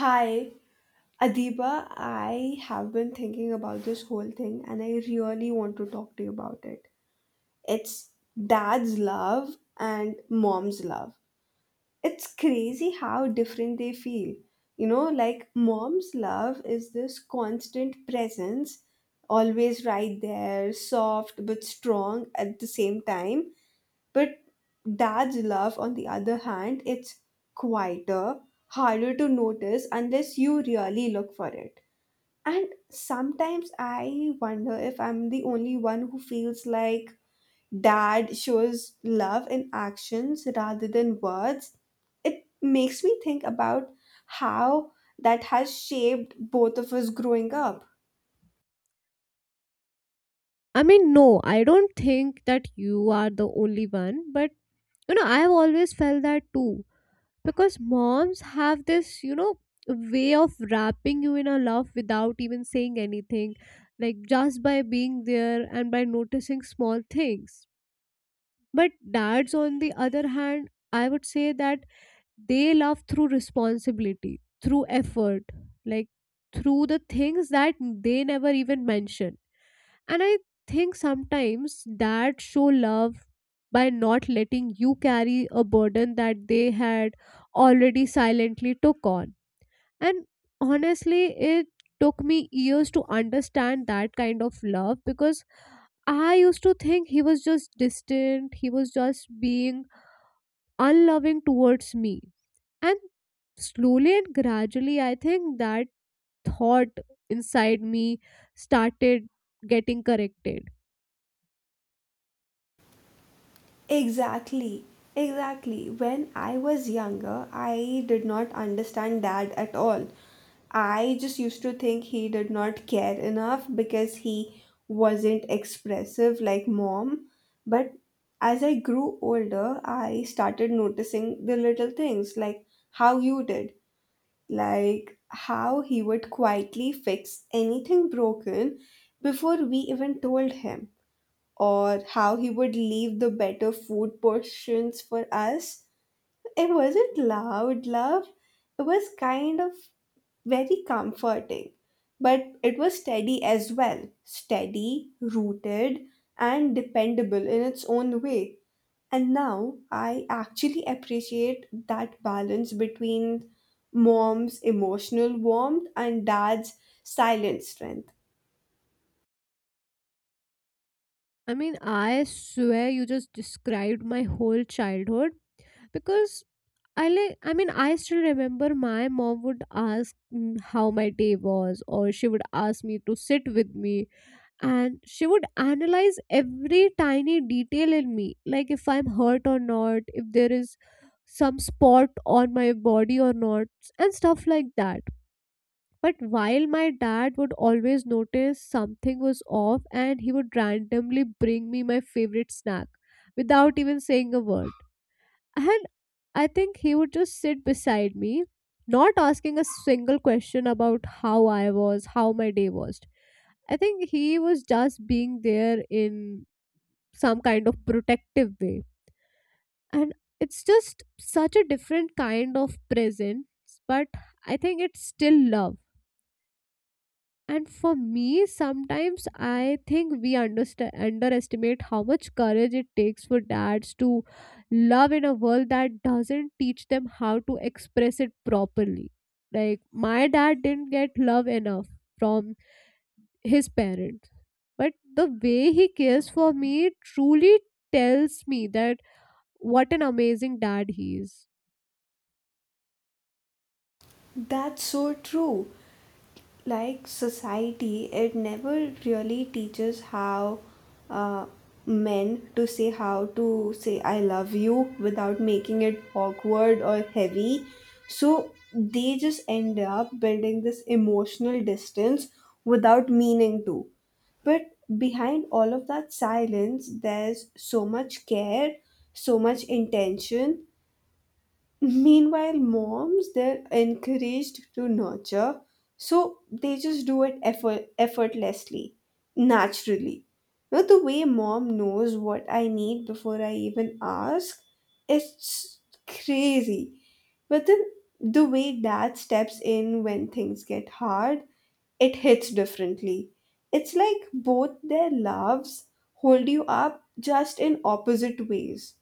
Hi, Adiba. I have been thinking about this whole thing and I really want to talk to you about it. It's dad's love and mom's love. It's crazy how different they feel. You know, like mom's love is this constant presence, always right there, soft but strong at the same time. But dad's love, on the other hand, it's quieter, harder to notice unless you really look for it. And sometimes I wonder if I'm the only one who feels like dad shows love in actions rather than words. It makes me think about how that has shaped both of us growing up. I mean, no, I don't think that you are the only one, but I have always felt that too. Because moms have this, way of wrapping you in a love without even saying anything, like just by being there and by noticing small things. But dads, on the other hand, I would say that they love through responsibility, through effort, like through the things that they never even mention, and I think sometimes dads show love by not letting you carry a burden that they had already silently took on. And honestly, it took me years to understand that kind of love because I used to think he was just distant, he was just being unloving towards me. And slowly and gradually, I think that thought inside me started getting corrected. Exactly, exactly. When I was younger, I did not understand dad at all. I just used to think he did not care enough because he wasn't expressive like mom. But as I grew older, I started noticing the little things like how you did, like how he would quietly fix anything broken before we even told him, or how he would leave the better food portions for us. It wasn't loud love, it was kind of very comforting. But it was steady as well, steady, rooted, and dependable in its own way. And now I actually appreciate that balance between mom's emotional warmth and dad's silent strength. I mean, I swear you just described my whole childhood because I mean, I still remember my mom would ask how my day was, or she would ask me to sit with me, and she would analyze every tiny detail in me, like if I'm hurt or not, if there is some spot on my body or not, and stuff like that, but while my dad would always notice something was off, and he would randomly bring me my favorite snack without even saying a word. And I think he would just sit beside me, not asking a single question about how I was, how my day was. I think he was just being there in some kind of protective way. And it's just such a different kind of presence, but I think it's still love. And for me, sometimes I think we underestimate how much courage it takes for dads to love in a world that doesn't teach them how to express it properly. Like, my dad didn't get love enough from his parents. But the way he cares for me truly tells me that what an amazing dad he is. That's so true. Like society, it never really teaches how uh, men to say how to say I love you without making it awkward or heavy. So they just end up building this emotional distance without meaning to. But behind all of that silence, there's so much care, so much intention. Meanwhile, moms, they're encouraged to nurture, so they just do it effortlessly, naturally. Now, the way mom knows what I need before I even ask, it's crazy. But then the way dad steps in when things get hard, it hits differently. It's like both their loves hold you up just in opposite ways.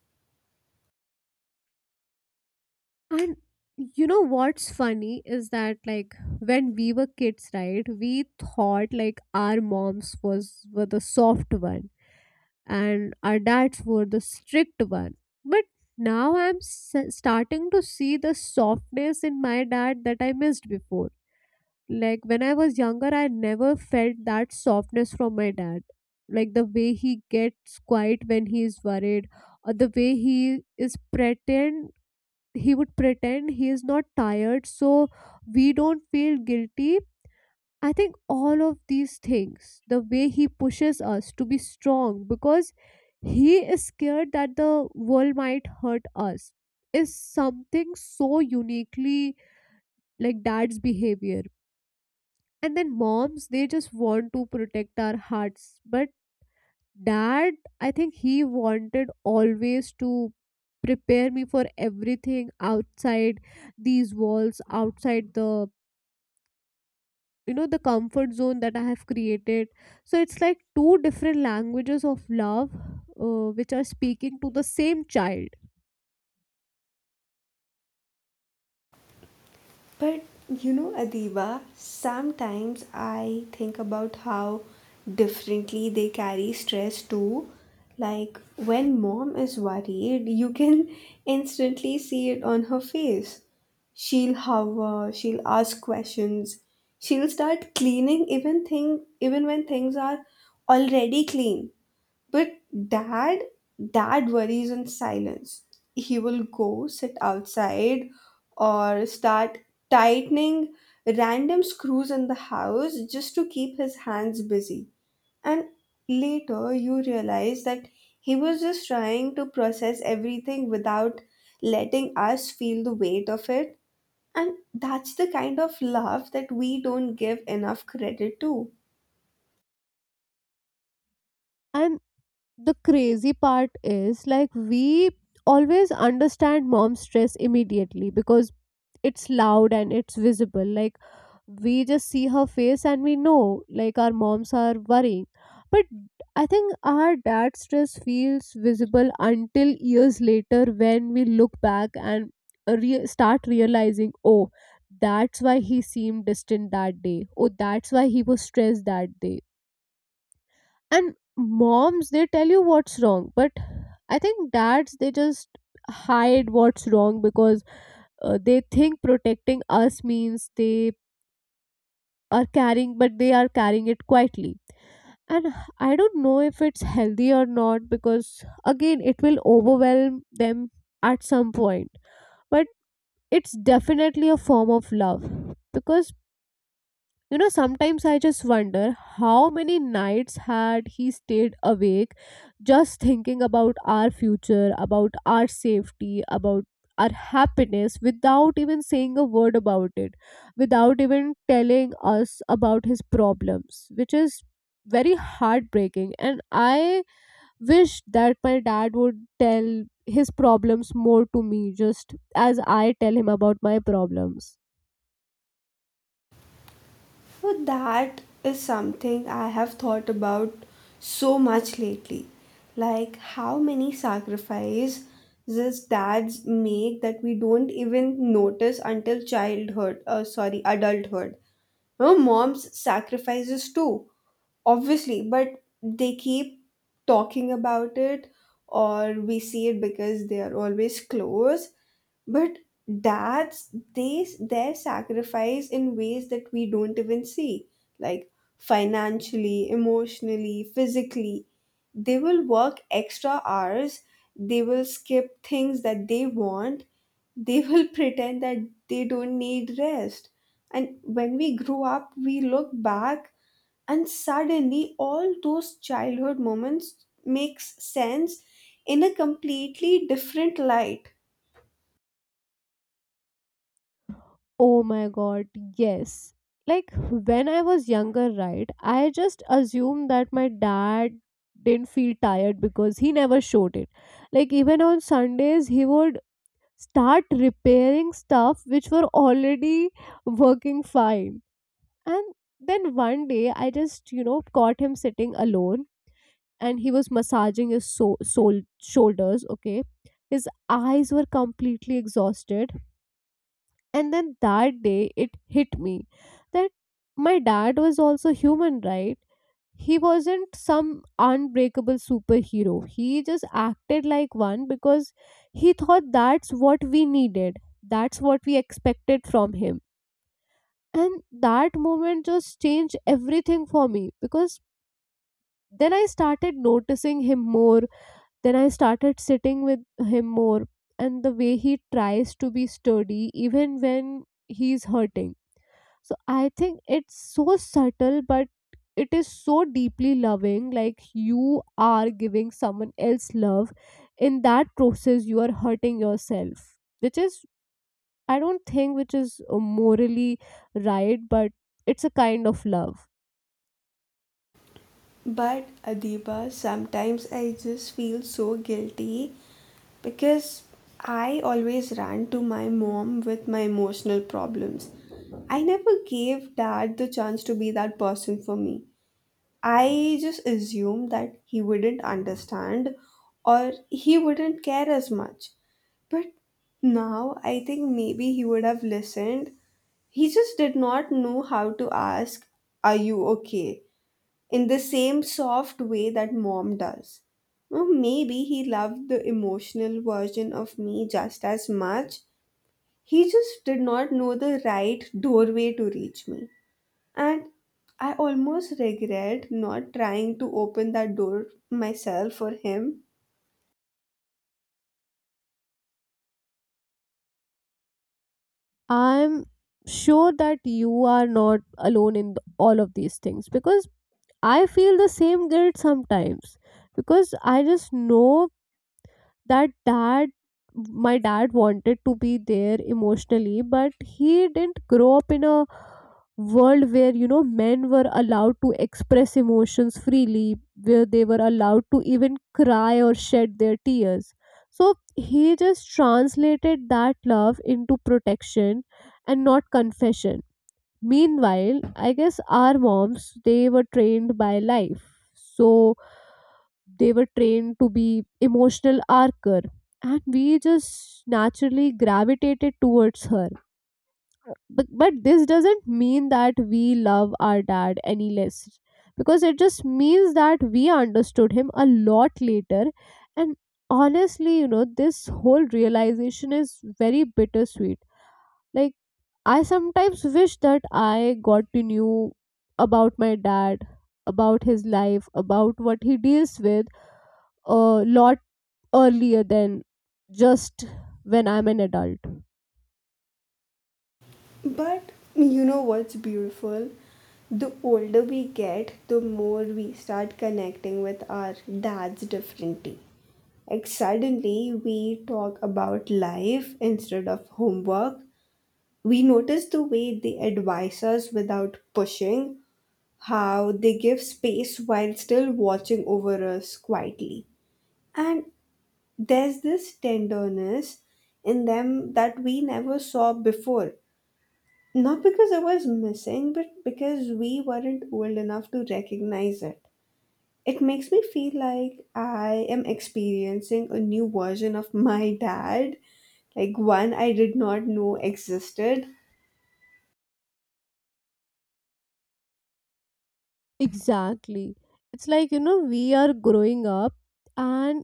And you know what's funny is that, like, when we were kids, right, we thought like our moms was were the soft one and our dads were the strict one. But now I'm starting to see the softness in my dad that I missed before. Like when I was younger, I never felt that softness from my dad. Like the way he gets quiet when he is worried, or the way he would pretend he is not tired so we don't feel guilty. I think all of these things, the way he pushes us to be strong because he is scared that the world might hurt us, is something so uniquely like dad's behavior. And then moms, they just want to protect our hearts, but dad, I think he wanted always to prepare me for everything outside these walls, outside the you know the comfort zone that I have created. So it's like two different languages of love, which are speaking to the same child. But you know, Adiba, sometimes I think about how differently they carry stress too. Like when mom is worried, you can instantly see it on her face. She'll hover, she'll ask questions, she'll start cleaning even when things are already clean. But dad, dad worries in silence. He will go sit outside or start tightening random screws in the house just to keep his hands busy. And later you realize that he was just trying to process everything without letting us feel the weight of it. And that's the kind of love that we don't give enough credit to. And the crazy part is like we always understand mom's stress immediately because it's loud and it's visible, like we just see her face and we know like our moms are worrying. But I think our dad's stress feels visible until years later when we look back and start realizing, oh, that's why he seemed distant that day, oh, that's why he was stressed that day. And moms, they tell you what's wrong, but I think dads, they just hide what's wrong because they think protecting us means they are carrying, but they are carrying it quietly. And I don't know if it's healthy or not because again it will overwhelm them at some point, but it's definitely a form of love. Because sometimes I just wonder how many nights had he stayed awake just thinking about our future, about our safety, about our happiness without even saying a word about it, without even telling us about his problems, which is very heartbreaking. And I wish that my dad would tell his problems more to me, just as I tell him about my problems. So that is something I have thought about so much lately. Like how many sacrifices these dads make that we don't even notice until adulthood. No, moms sacrifices too obviously, but they keep talking about it or we see it because they are always close. But dads, they their sacrifice in ways that we don't even see, like financially, emotionally, physically. They will work extra hours, they will skip things that they want, they will pretend that they don't need rest. And when we grow up we look back, and suddenly all those childhood moments makes sense in a completely different light. Oh my god, yes. Like when I was younger, right, I just assumed that my dad didn't feel tired because he never showed it. Like even on Sundays, he would start repairing stuff which were already working fine. And then one day, I just, caught him sitting alone, and he was massaging his shoulders, okay? His eyes were completely exhausted, and then that day it hit me that my dad was also human, right? He wasn't some unbreakable superhero, he just acted like one because he thought that's what we needed, that's what we expected from him. And that moment just changed everything for me because then I started noticing him more, then I started sitting with him more, and the way he tries to be sturdy even when he's hurting. So I think it's so subtle, but it is so deeply loving. Like, you are giving someone else love. In that process, you are hurting yourself, which is, I don't think, which is morally right, but it's a kind of love. But, Adiba, sometimes I just feel so guilty because I always ran to my mom with my emotional problems. I never gave dad the chance to be that person for me. I just assumed that he wouldn't understand, or he wouldn't care as much. But now I think maybe he would have listened. He just did not know how to ask, "Are you okay?" in the same soft way that mom does. Or maybe he loved the emotional version of me just as much. He just did not know the right doorway to reach me. And I almost regret not trying to open that door myself for him. I'm sure that you are not alone in all of these things because I feel the same guilt sometimes, because I just know that dad my dad wanted to be there emotionally, but he didn't grow up in a world where men were allowed to express emotions freely, where they were allowed to even cry or shed their tears. So he just translated that love into protection and not confession. Meanwhile, I guess our moms, they were trained by life, so they were trained to be emotional archer, and we just naturally gravitated towards her. But this doesn't mean that we love our dad any less because it just means that we understood him a lot later. And honestly, this whole realization is very bittersweet. Like, I sometimes wish that I got to know about my dad, about his life, about what he deals with, a lot earlier than just when I'm an adult. But you know what's beautiful? The older we get, the more we start connecting with our dads differently. Like suddenly we talk about life instead of homework. We notice the way they advise us without pushing, how they give space while still watching over us quietly. And there's this tenderness in them that we never saw before, not because I was missing, but because we weren't old enough to recognize it. It makes me feel like I am experiencing a new version of my dad, like one I did not know existed. Exactly. It's like, we are growing up, and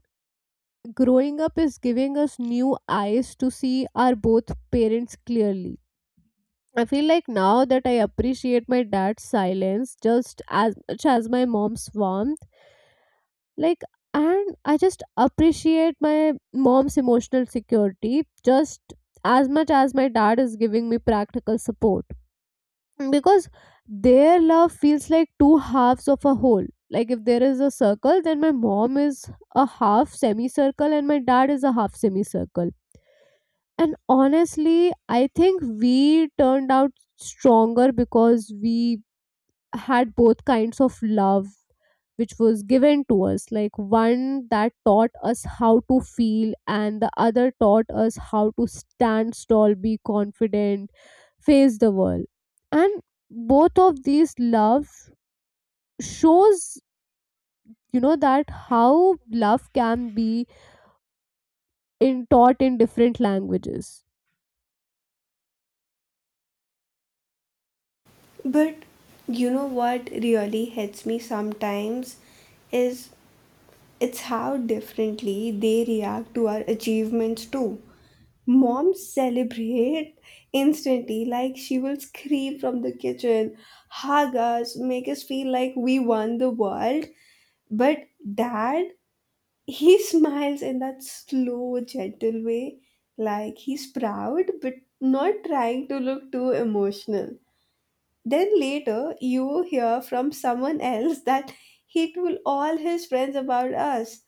growing up is giving us new eyes to see our both parents clearly. I feel like now that I appreciate my dad's silence just as much as my mom's warmth. Like, and I just appreciate my mom's emotional security just as much as my dad is giving me practical support. Because their love feels like two halves of a whole, like if there is a circle, then my mom is a half semicircle and my dad is a half semicircle. And honestly, I think we turned out stronger because we had both kinds of love, which was given to us, like one that taught us how to feel and the other taught us how to stand tall, be confident, face the world. And both of these love shows, that how love can be in taught in different languages. But you know what really hits me sometimes is it's how differently they react to our achievements too. Mom celebrate instantly, like she will scream from the kitchen, hug us, make us feel like we won the world. But dad, he smiles in that slow, gentle way, like he's proud, but not trying to look too emotional. Then later you hear from someone else that he told all his friends about us.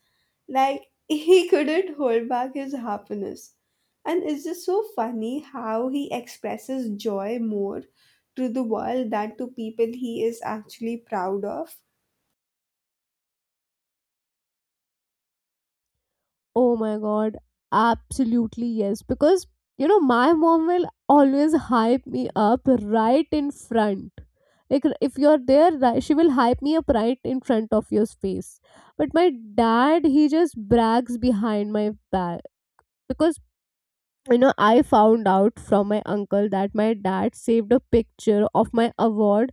Like he couldn't hold back his happiness. And it's just so funny how he expresses joy more to the world than to people he is actually proud of. Oh my god, absolutely yes. Because, my mom will always hype me up right in front. Like, if you're there, she will hype me up right in front of your face. But my dad, he just brags behind my back. Because I found out from my uncle that my dad saved a picture of my award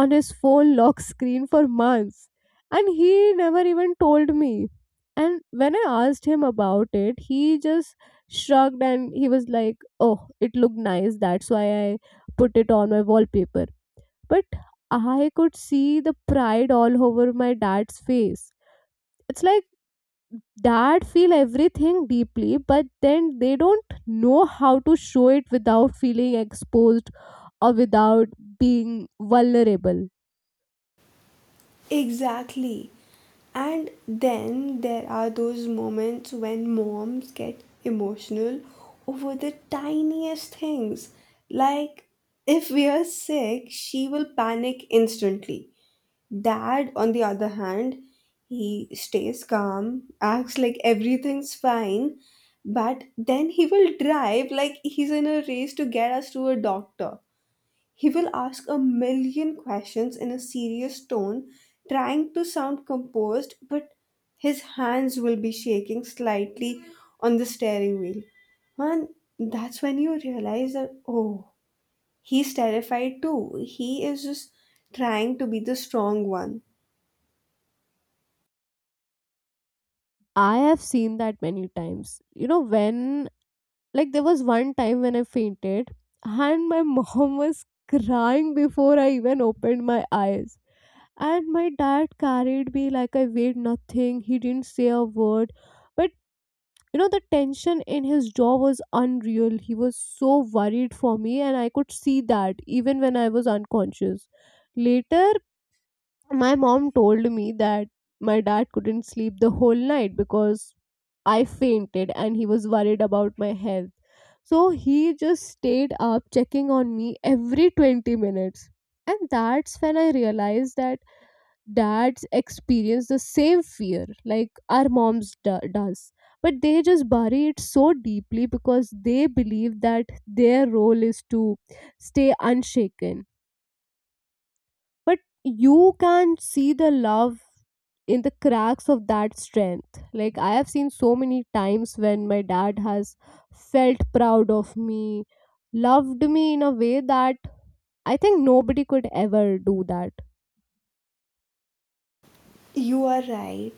on his phone lock screen for months, and he never even told me. And when I asked him about it, he just shrugged and he was like, oh, it looked nice, that's why I put it on my wallpaper. But I could see the pride all over my dad's face. It's like dad feel everything deeply, but then they don't know how to show it without feeling exposed or without being vulnerable. Exactly. And then there are those moments when moms get emotional over the tiniest things. Like, if we are sick, she will panic instantly. Dad, on the other hand, he stays calm, acts like everything's fine, but then he will drive like he's in a race to get us to a doctor. He will ask a million questions in a serious tone, trying to sound composed, but his hands will be shaking slightly on the steering wheel. And that's when you realize that, oh, he's terrified too. He is just trying to be the strong one. I have seen that many times, when like there was one time when I fainted, and my mom was crying before I even opened my eyes. And my dad carried me like I weighed nothing, he didn't say a word. But the tension in his jaw was unreal, he was so worried for me, and I could see that even when I was unconscious. Later my mom told me that my dad couldn't sleep the whole night because I fainted and he was worried about my health, so he just stayed up checking on me every 20 minutes. And that's when I realized that dads experience the same fear like our moms does, but they just bury it so deeply because they believe that their role is to stay unshaken. But you can see the love in the cracks of that strength, like I have seen so many times when my dad has felt proud of me, loved me in a way that I think nobody could ever do that. You are right.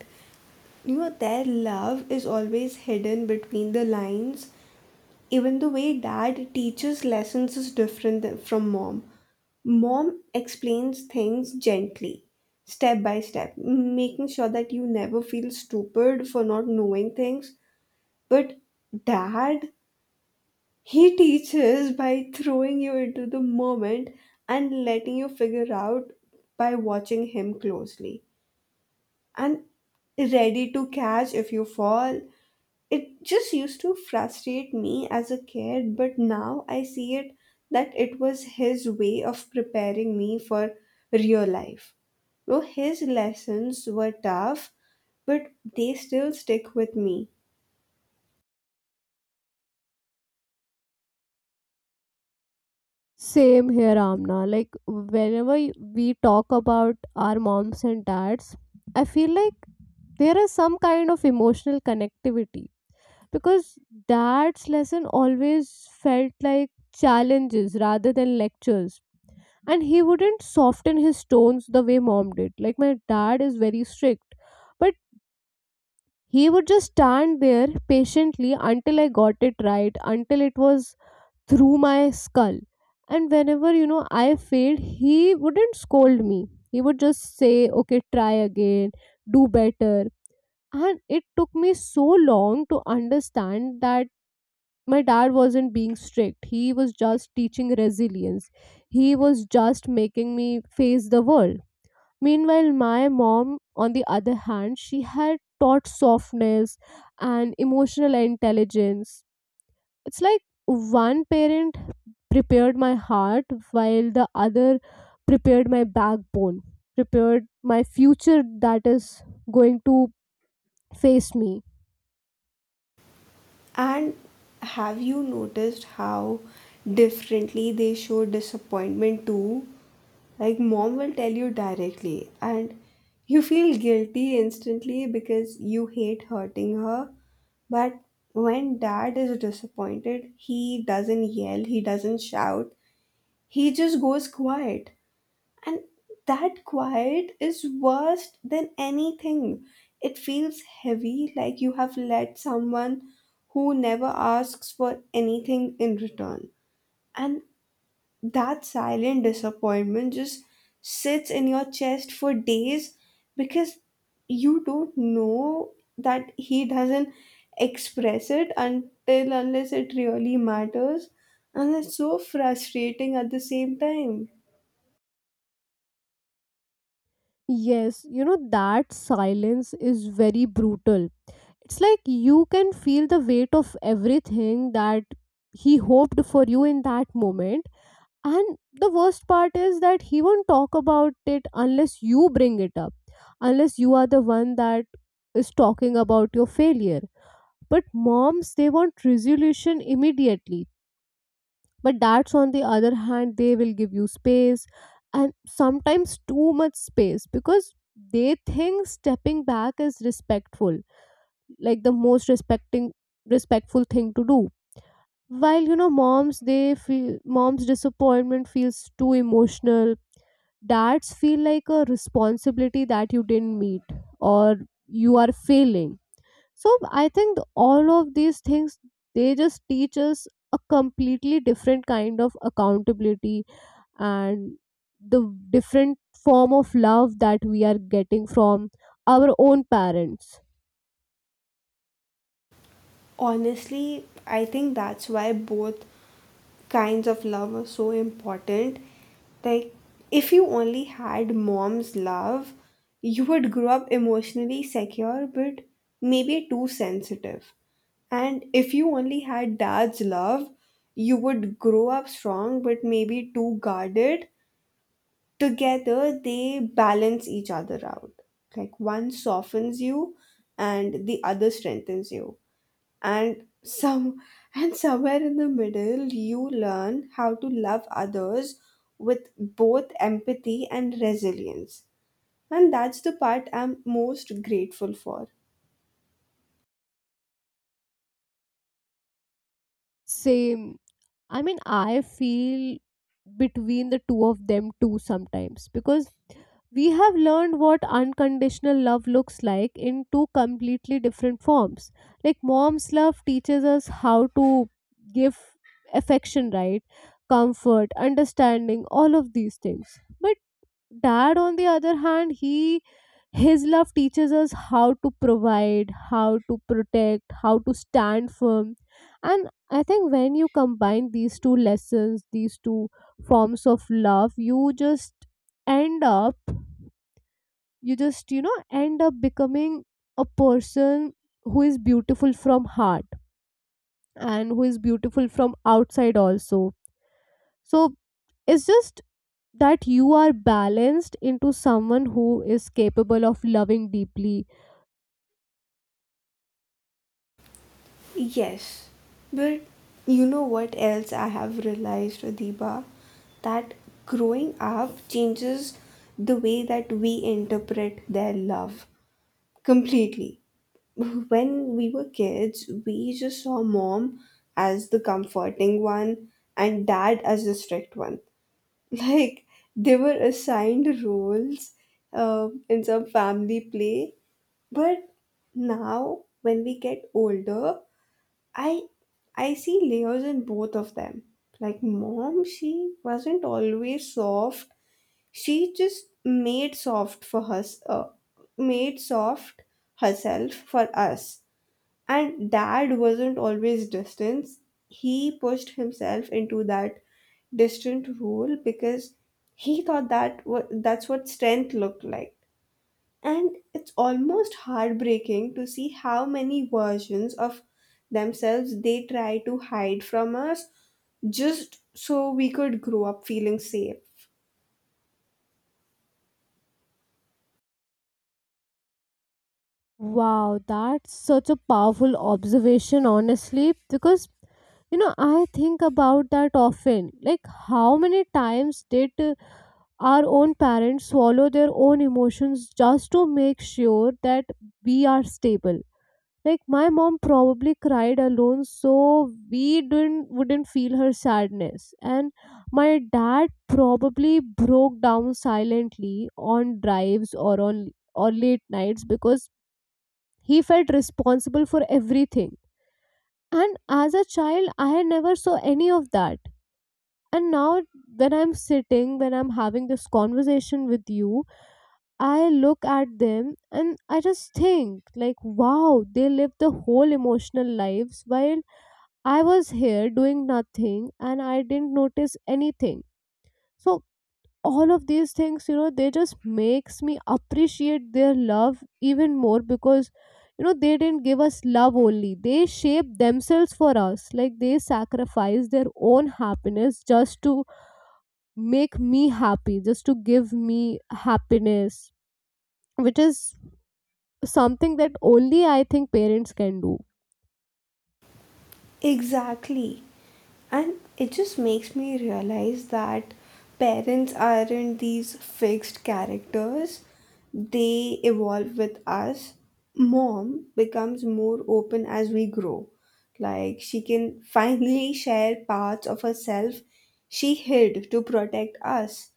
You know, their love is always hidden between the lines. Even the way dad teaches lessons is from mom. Mom explains things gently, step by step, making sure that you never feel stupid for not knowing things. But dad, he teaches by throwing you into the moment and letting you figure out by watching him closely and ready to catch if you fall. It just used to frustrate me as a kid, but now I see it that it was his way of preparing me for real life. Though his lessons were tough, but they still stick with me. Same here, Amna. Like whenever we talk about our moms and dads, I feel like there is some kind of emotional connectivity because dad's lesson always felt like challenges rather than lectures. And he wouldn't soften his tones the way mom did. Like my dad is very strict, but he would just stand there patiently until I got it right, until it was through my skull. And whenever I failed, he wouldn't scold me. He would just say, okay, try again, do better. And it took me so long to understand that my dad wasn't being strict, he was just teaching resilience. He was just making me face the world. Meanwhile my mom, on the other hand, she had taught softness and emotional intelligence. It's like one parent prepared my heart while the other prepared my backbone, prepared my future that is going to face me. And have you noticed how differently they show disappointment too? Like, mom will tell you directly, and you feel guilty instantly because you hate hurting her. But when dad is disappointed, he doesn't yell, he doesn't shout, he just goes quiet. And that quiet is worse than anything. It feels heavy, like you have let someone who never asks for anything in return. And that silent disappointment just sits in your chest for days because you don't know that he doesn't express it until unless it really matters, and it's so frustrating at the same time. Yes, you know, that silence is very brutal. It's like you can feel the weight of everything that he hoped for you in that moment, and the worst part is that he won't talk about it unless you bring it up, unless you are the one that is talking about your failure. But moms, they want resolution immediately. But dads, on the other hand, they will give you space, and sometimes too much space because they think stepping back is respectful, like the most respecting respectful thing to do. While, you know, moms they feel, moms disappointment feels too emotional. That's feel like a responsibility that you didn't meet, or you are failing. So I think all of these things, they just teach us a completely different kind of accountability, and the different form of love that we are getting from our own parents. Honestly, I think that's why both kinds of love are so important. Like, if you only had mom's love, you would grow up emotionally secure but maybe too sensitive. And if you only had dad's love, you would grow up strong but maybe too guarded. Together, they balance each other out. Like, one softens you and the other strengthens you, and some and somewhere in the middle you learn how to love others with both empathy and resilience. And that's the part I'm most grateful for. Same. I mean, I feel between the two of them too sometimes because we have learned what unconditional love looks like in two completely different forms. Like, mom's love teaches us how to give affection, right? Comfort, understanding, all of these things. But dad, on the other hand, he, his love teaches us how to provide, how to protect, how to stand firm. And I think when you combine these two lessons, these two forms of love, you just end up, you just end up becoming a person who is beautiful from heart and who is beautiful from outside also. So it's just that you are balanced into someone who is capable of loving deeply. Yes. But you know what else I have realized, Adiba, that growing up changes the way that we interpret their love. Completely. When we were kids, we just saw mom as the comforting one and dad as the strict one. Like, they were assigned roles in some family play. But now, when we get older, I I see layers in both of them. Like mom, she wasn't always soft, she just made soft herself for us. And dad wasn't always distant, he pushed himself into that distant role because he thought that's what strength looked like. And it's almost heartbreaking to see how many versions of themselves they try to hide from us just so we could grow up feeling safe. Wow, that's such a powerful observation, honestly, because you know, I think about that often. Like, how many times did our own parents swallow their own emotions just to make sure that we are stable? Like my mom probably cried alone so we didn't wouldn't feel her sadness, and my dad probably broke down silently on drives or on, or late nights because he felt responsible for everything. And as a child, I never saw any of that. And now, when I'm having this conversation with you, I look at them and I just think, like, wow, they live the whole emotional lives while I was here doing nothing and I didn't notice anything. So all of these things, you know, they just makes me appreciate their love even more because you know they didn't give us love only. They shaped themselves for us. Like they sacrificed their own happiness just to make me happy, just to give me happiness, which is something that only I think parents can do. Exactly. And it just makes me realize that parents aren't these fixed characters, they evolve with us. Mom becomes more open as we grow. Like, she can finally share parts of herself she hid to protect us.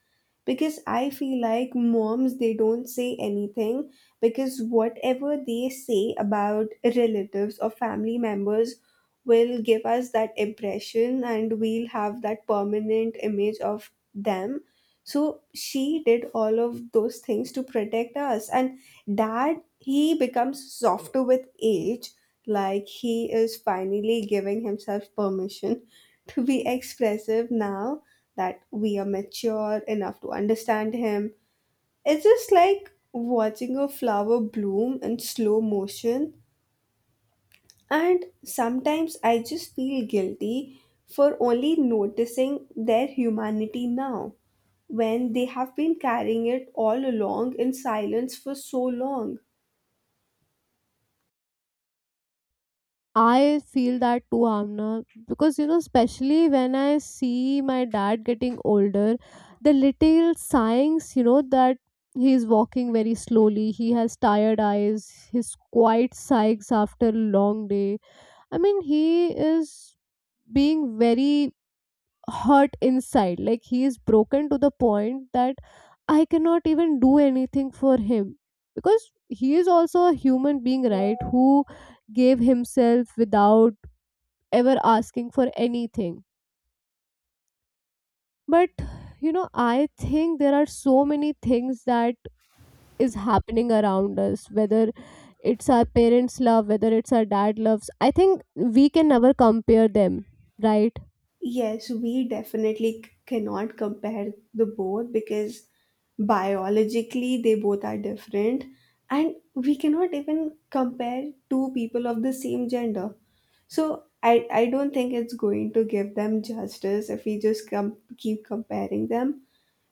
Because I feel like moms, they don't say anything because whatever they say about relatives or family members will give us that impression and we'll have that permanent image of them. So she did all of those things to protect us. And dad, he becomes softer with age, like he is finally giving himself permission to be expressive now that we are mature enough to understand him. It's just like watching a flower bloom in slow motion. And sometimes I just feel guilty for only noticing their humanity now, when they have been carrying it all along in silence for so long. I feel that too, Amna, because you know, especially when I see my dad getting older, the little signs, you know, that he's walking very slowly, he has tired eyes, his quiet sighs after a long day. I mean, he is being very hurt inside, like, he is broken to the point that I cannot even do anything for him because he is also a human being, right? Who gave himself without ever asking for anything. But you know, I think there are so many things that is happening around us, whether it's our parents' love, whether it's our dad loves. I think we can never compare them, right? Yes, we definitely cannot compare the both because biologically they both are different, and we cannot even compare two people of the same gender. So I don't think it's going to give them justice if we just keep comparing them.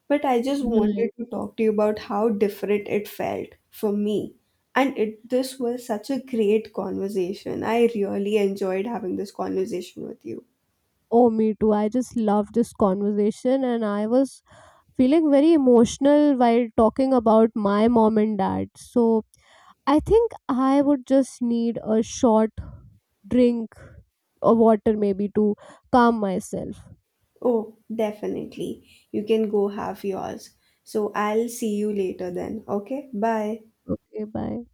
But I just wanted Right. to talk to you about how different it felt for me. And it this was such a great conversation. I really enjoyed having this conversation with you. Oh, me too. I just love this conversation, and I was feeling very emotional while talking about my mom and dad. So, I think I would just need a short drink or water maybe to calm myself. Oh, definitely. You can go have yours. So I'll see you later then. Okay? Bye. Okay, bye.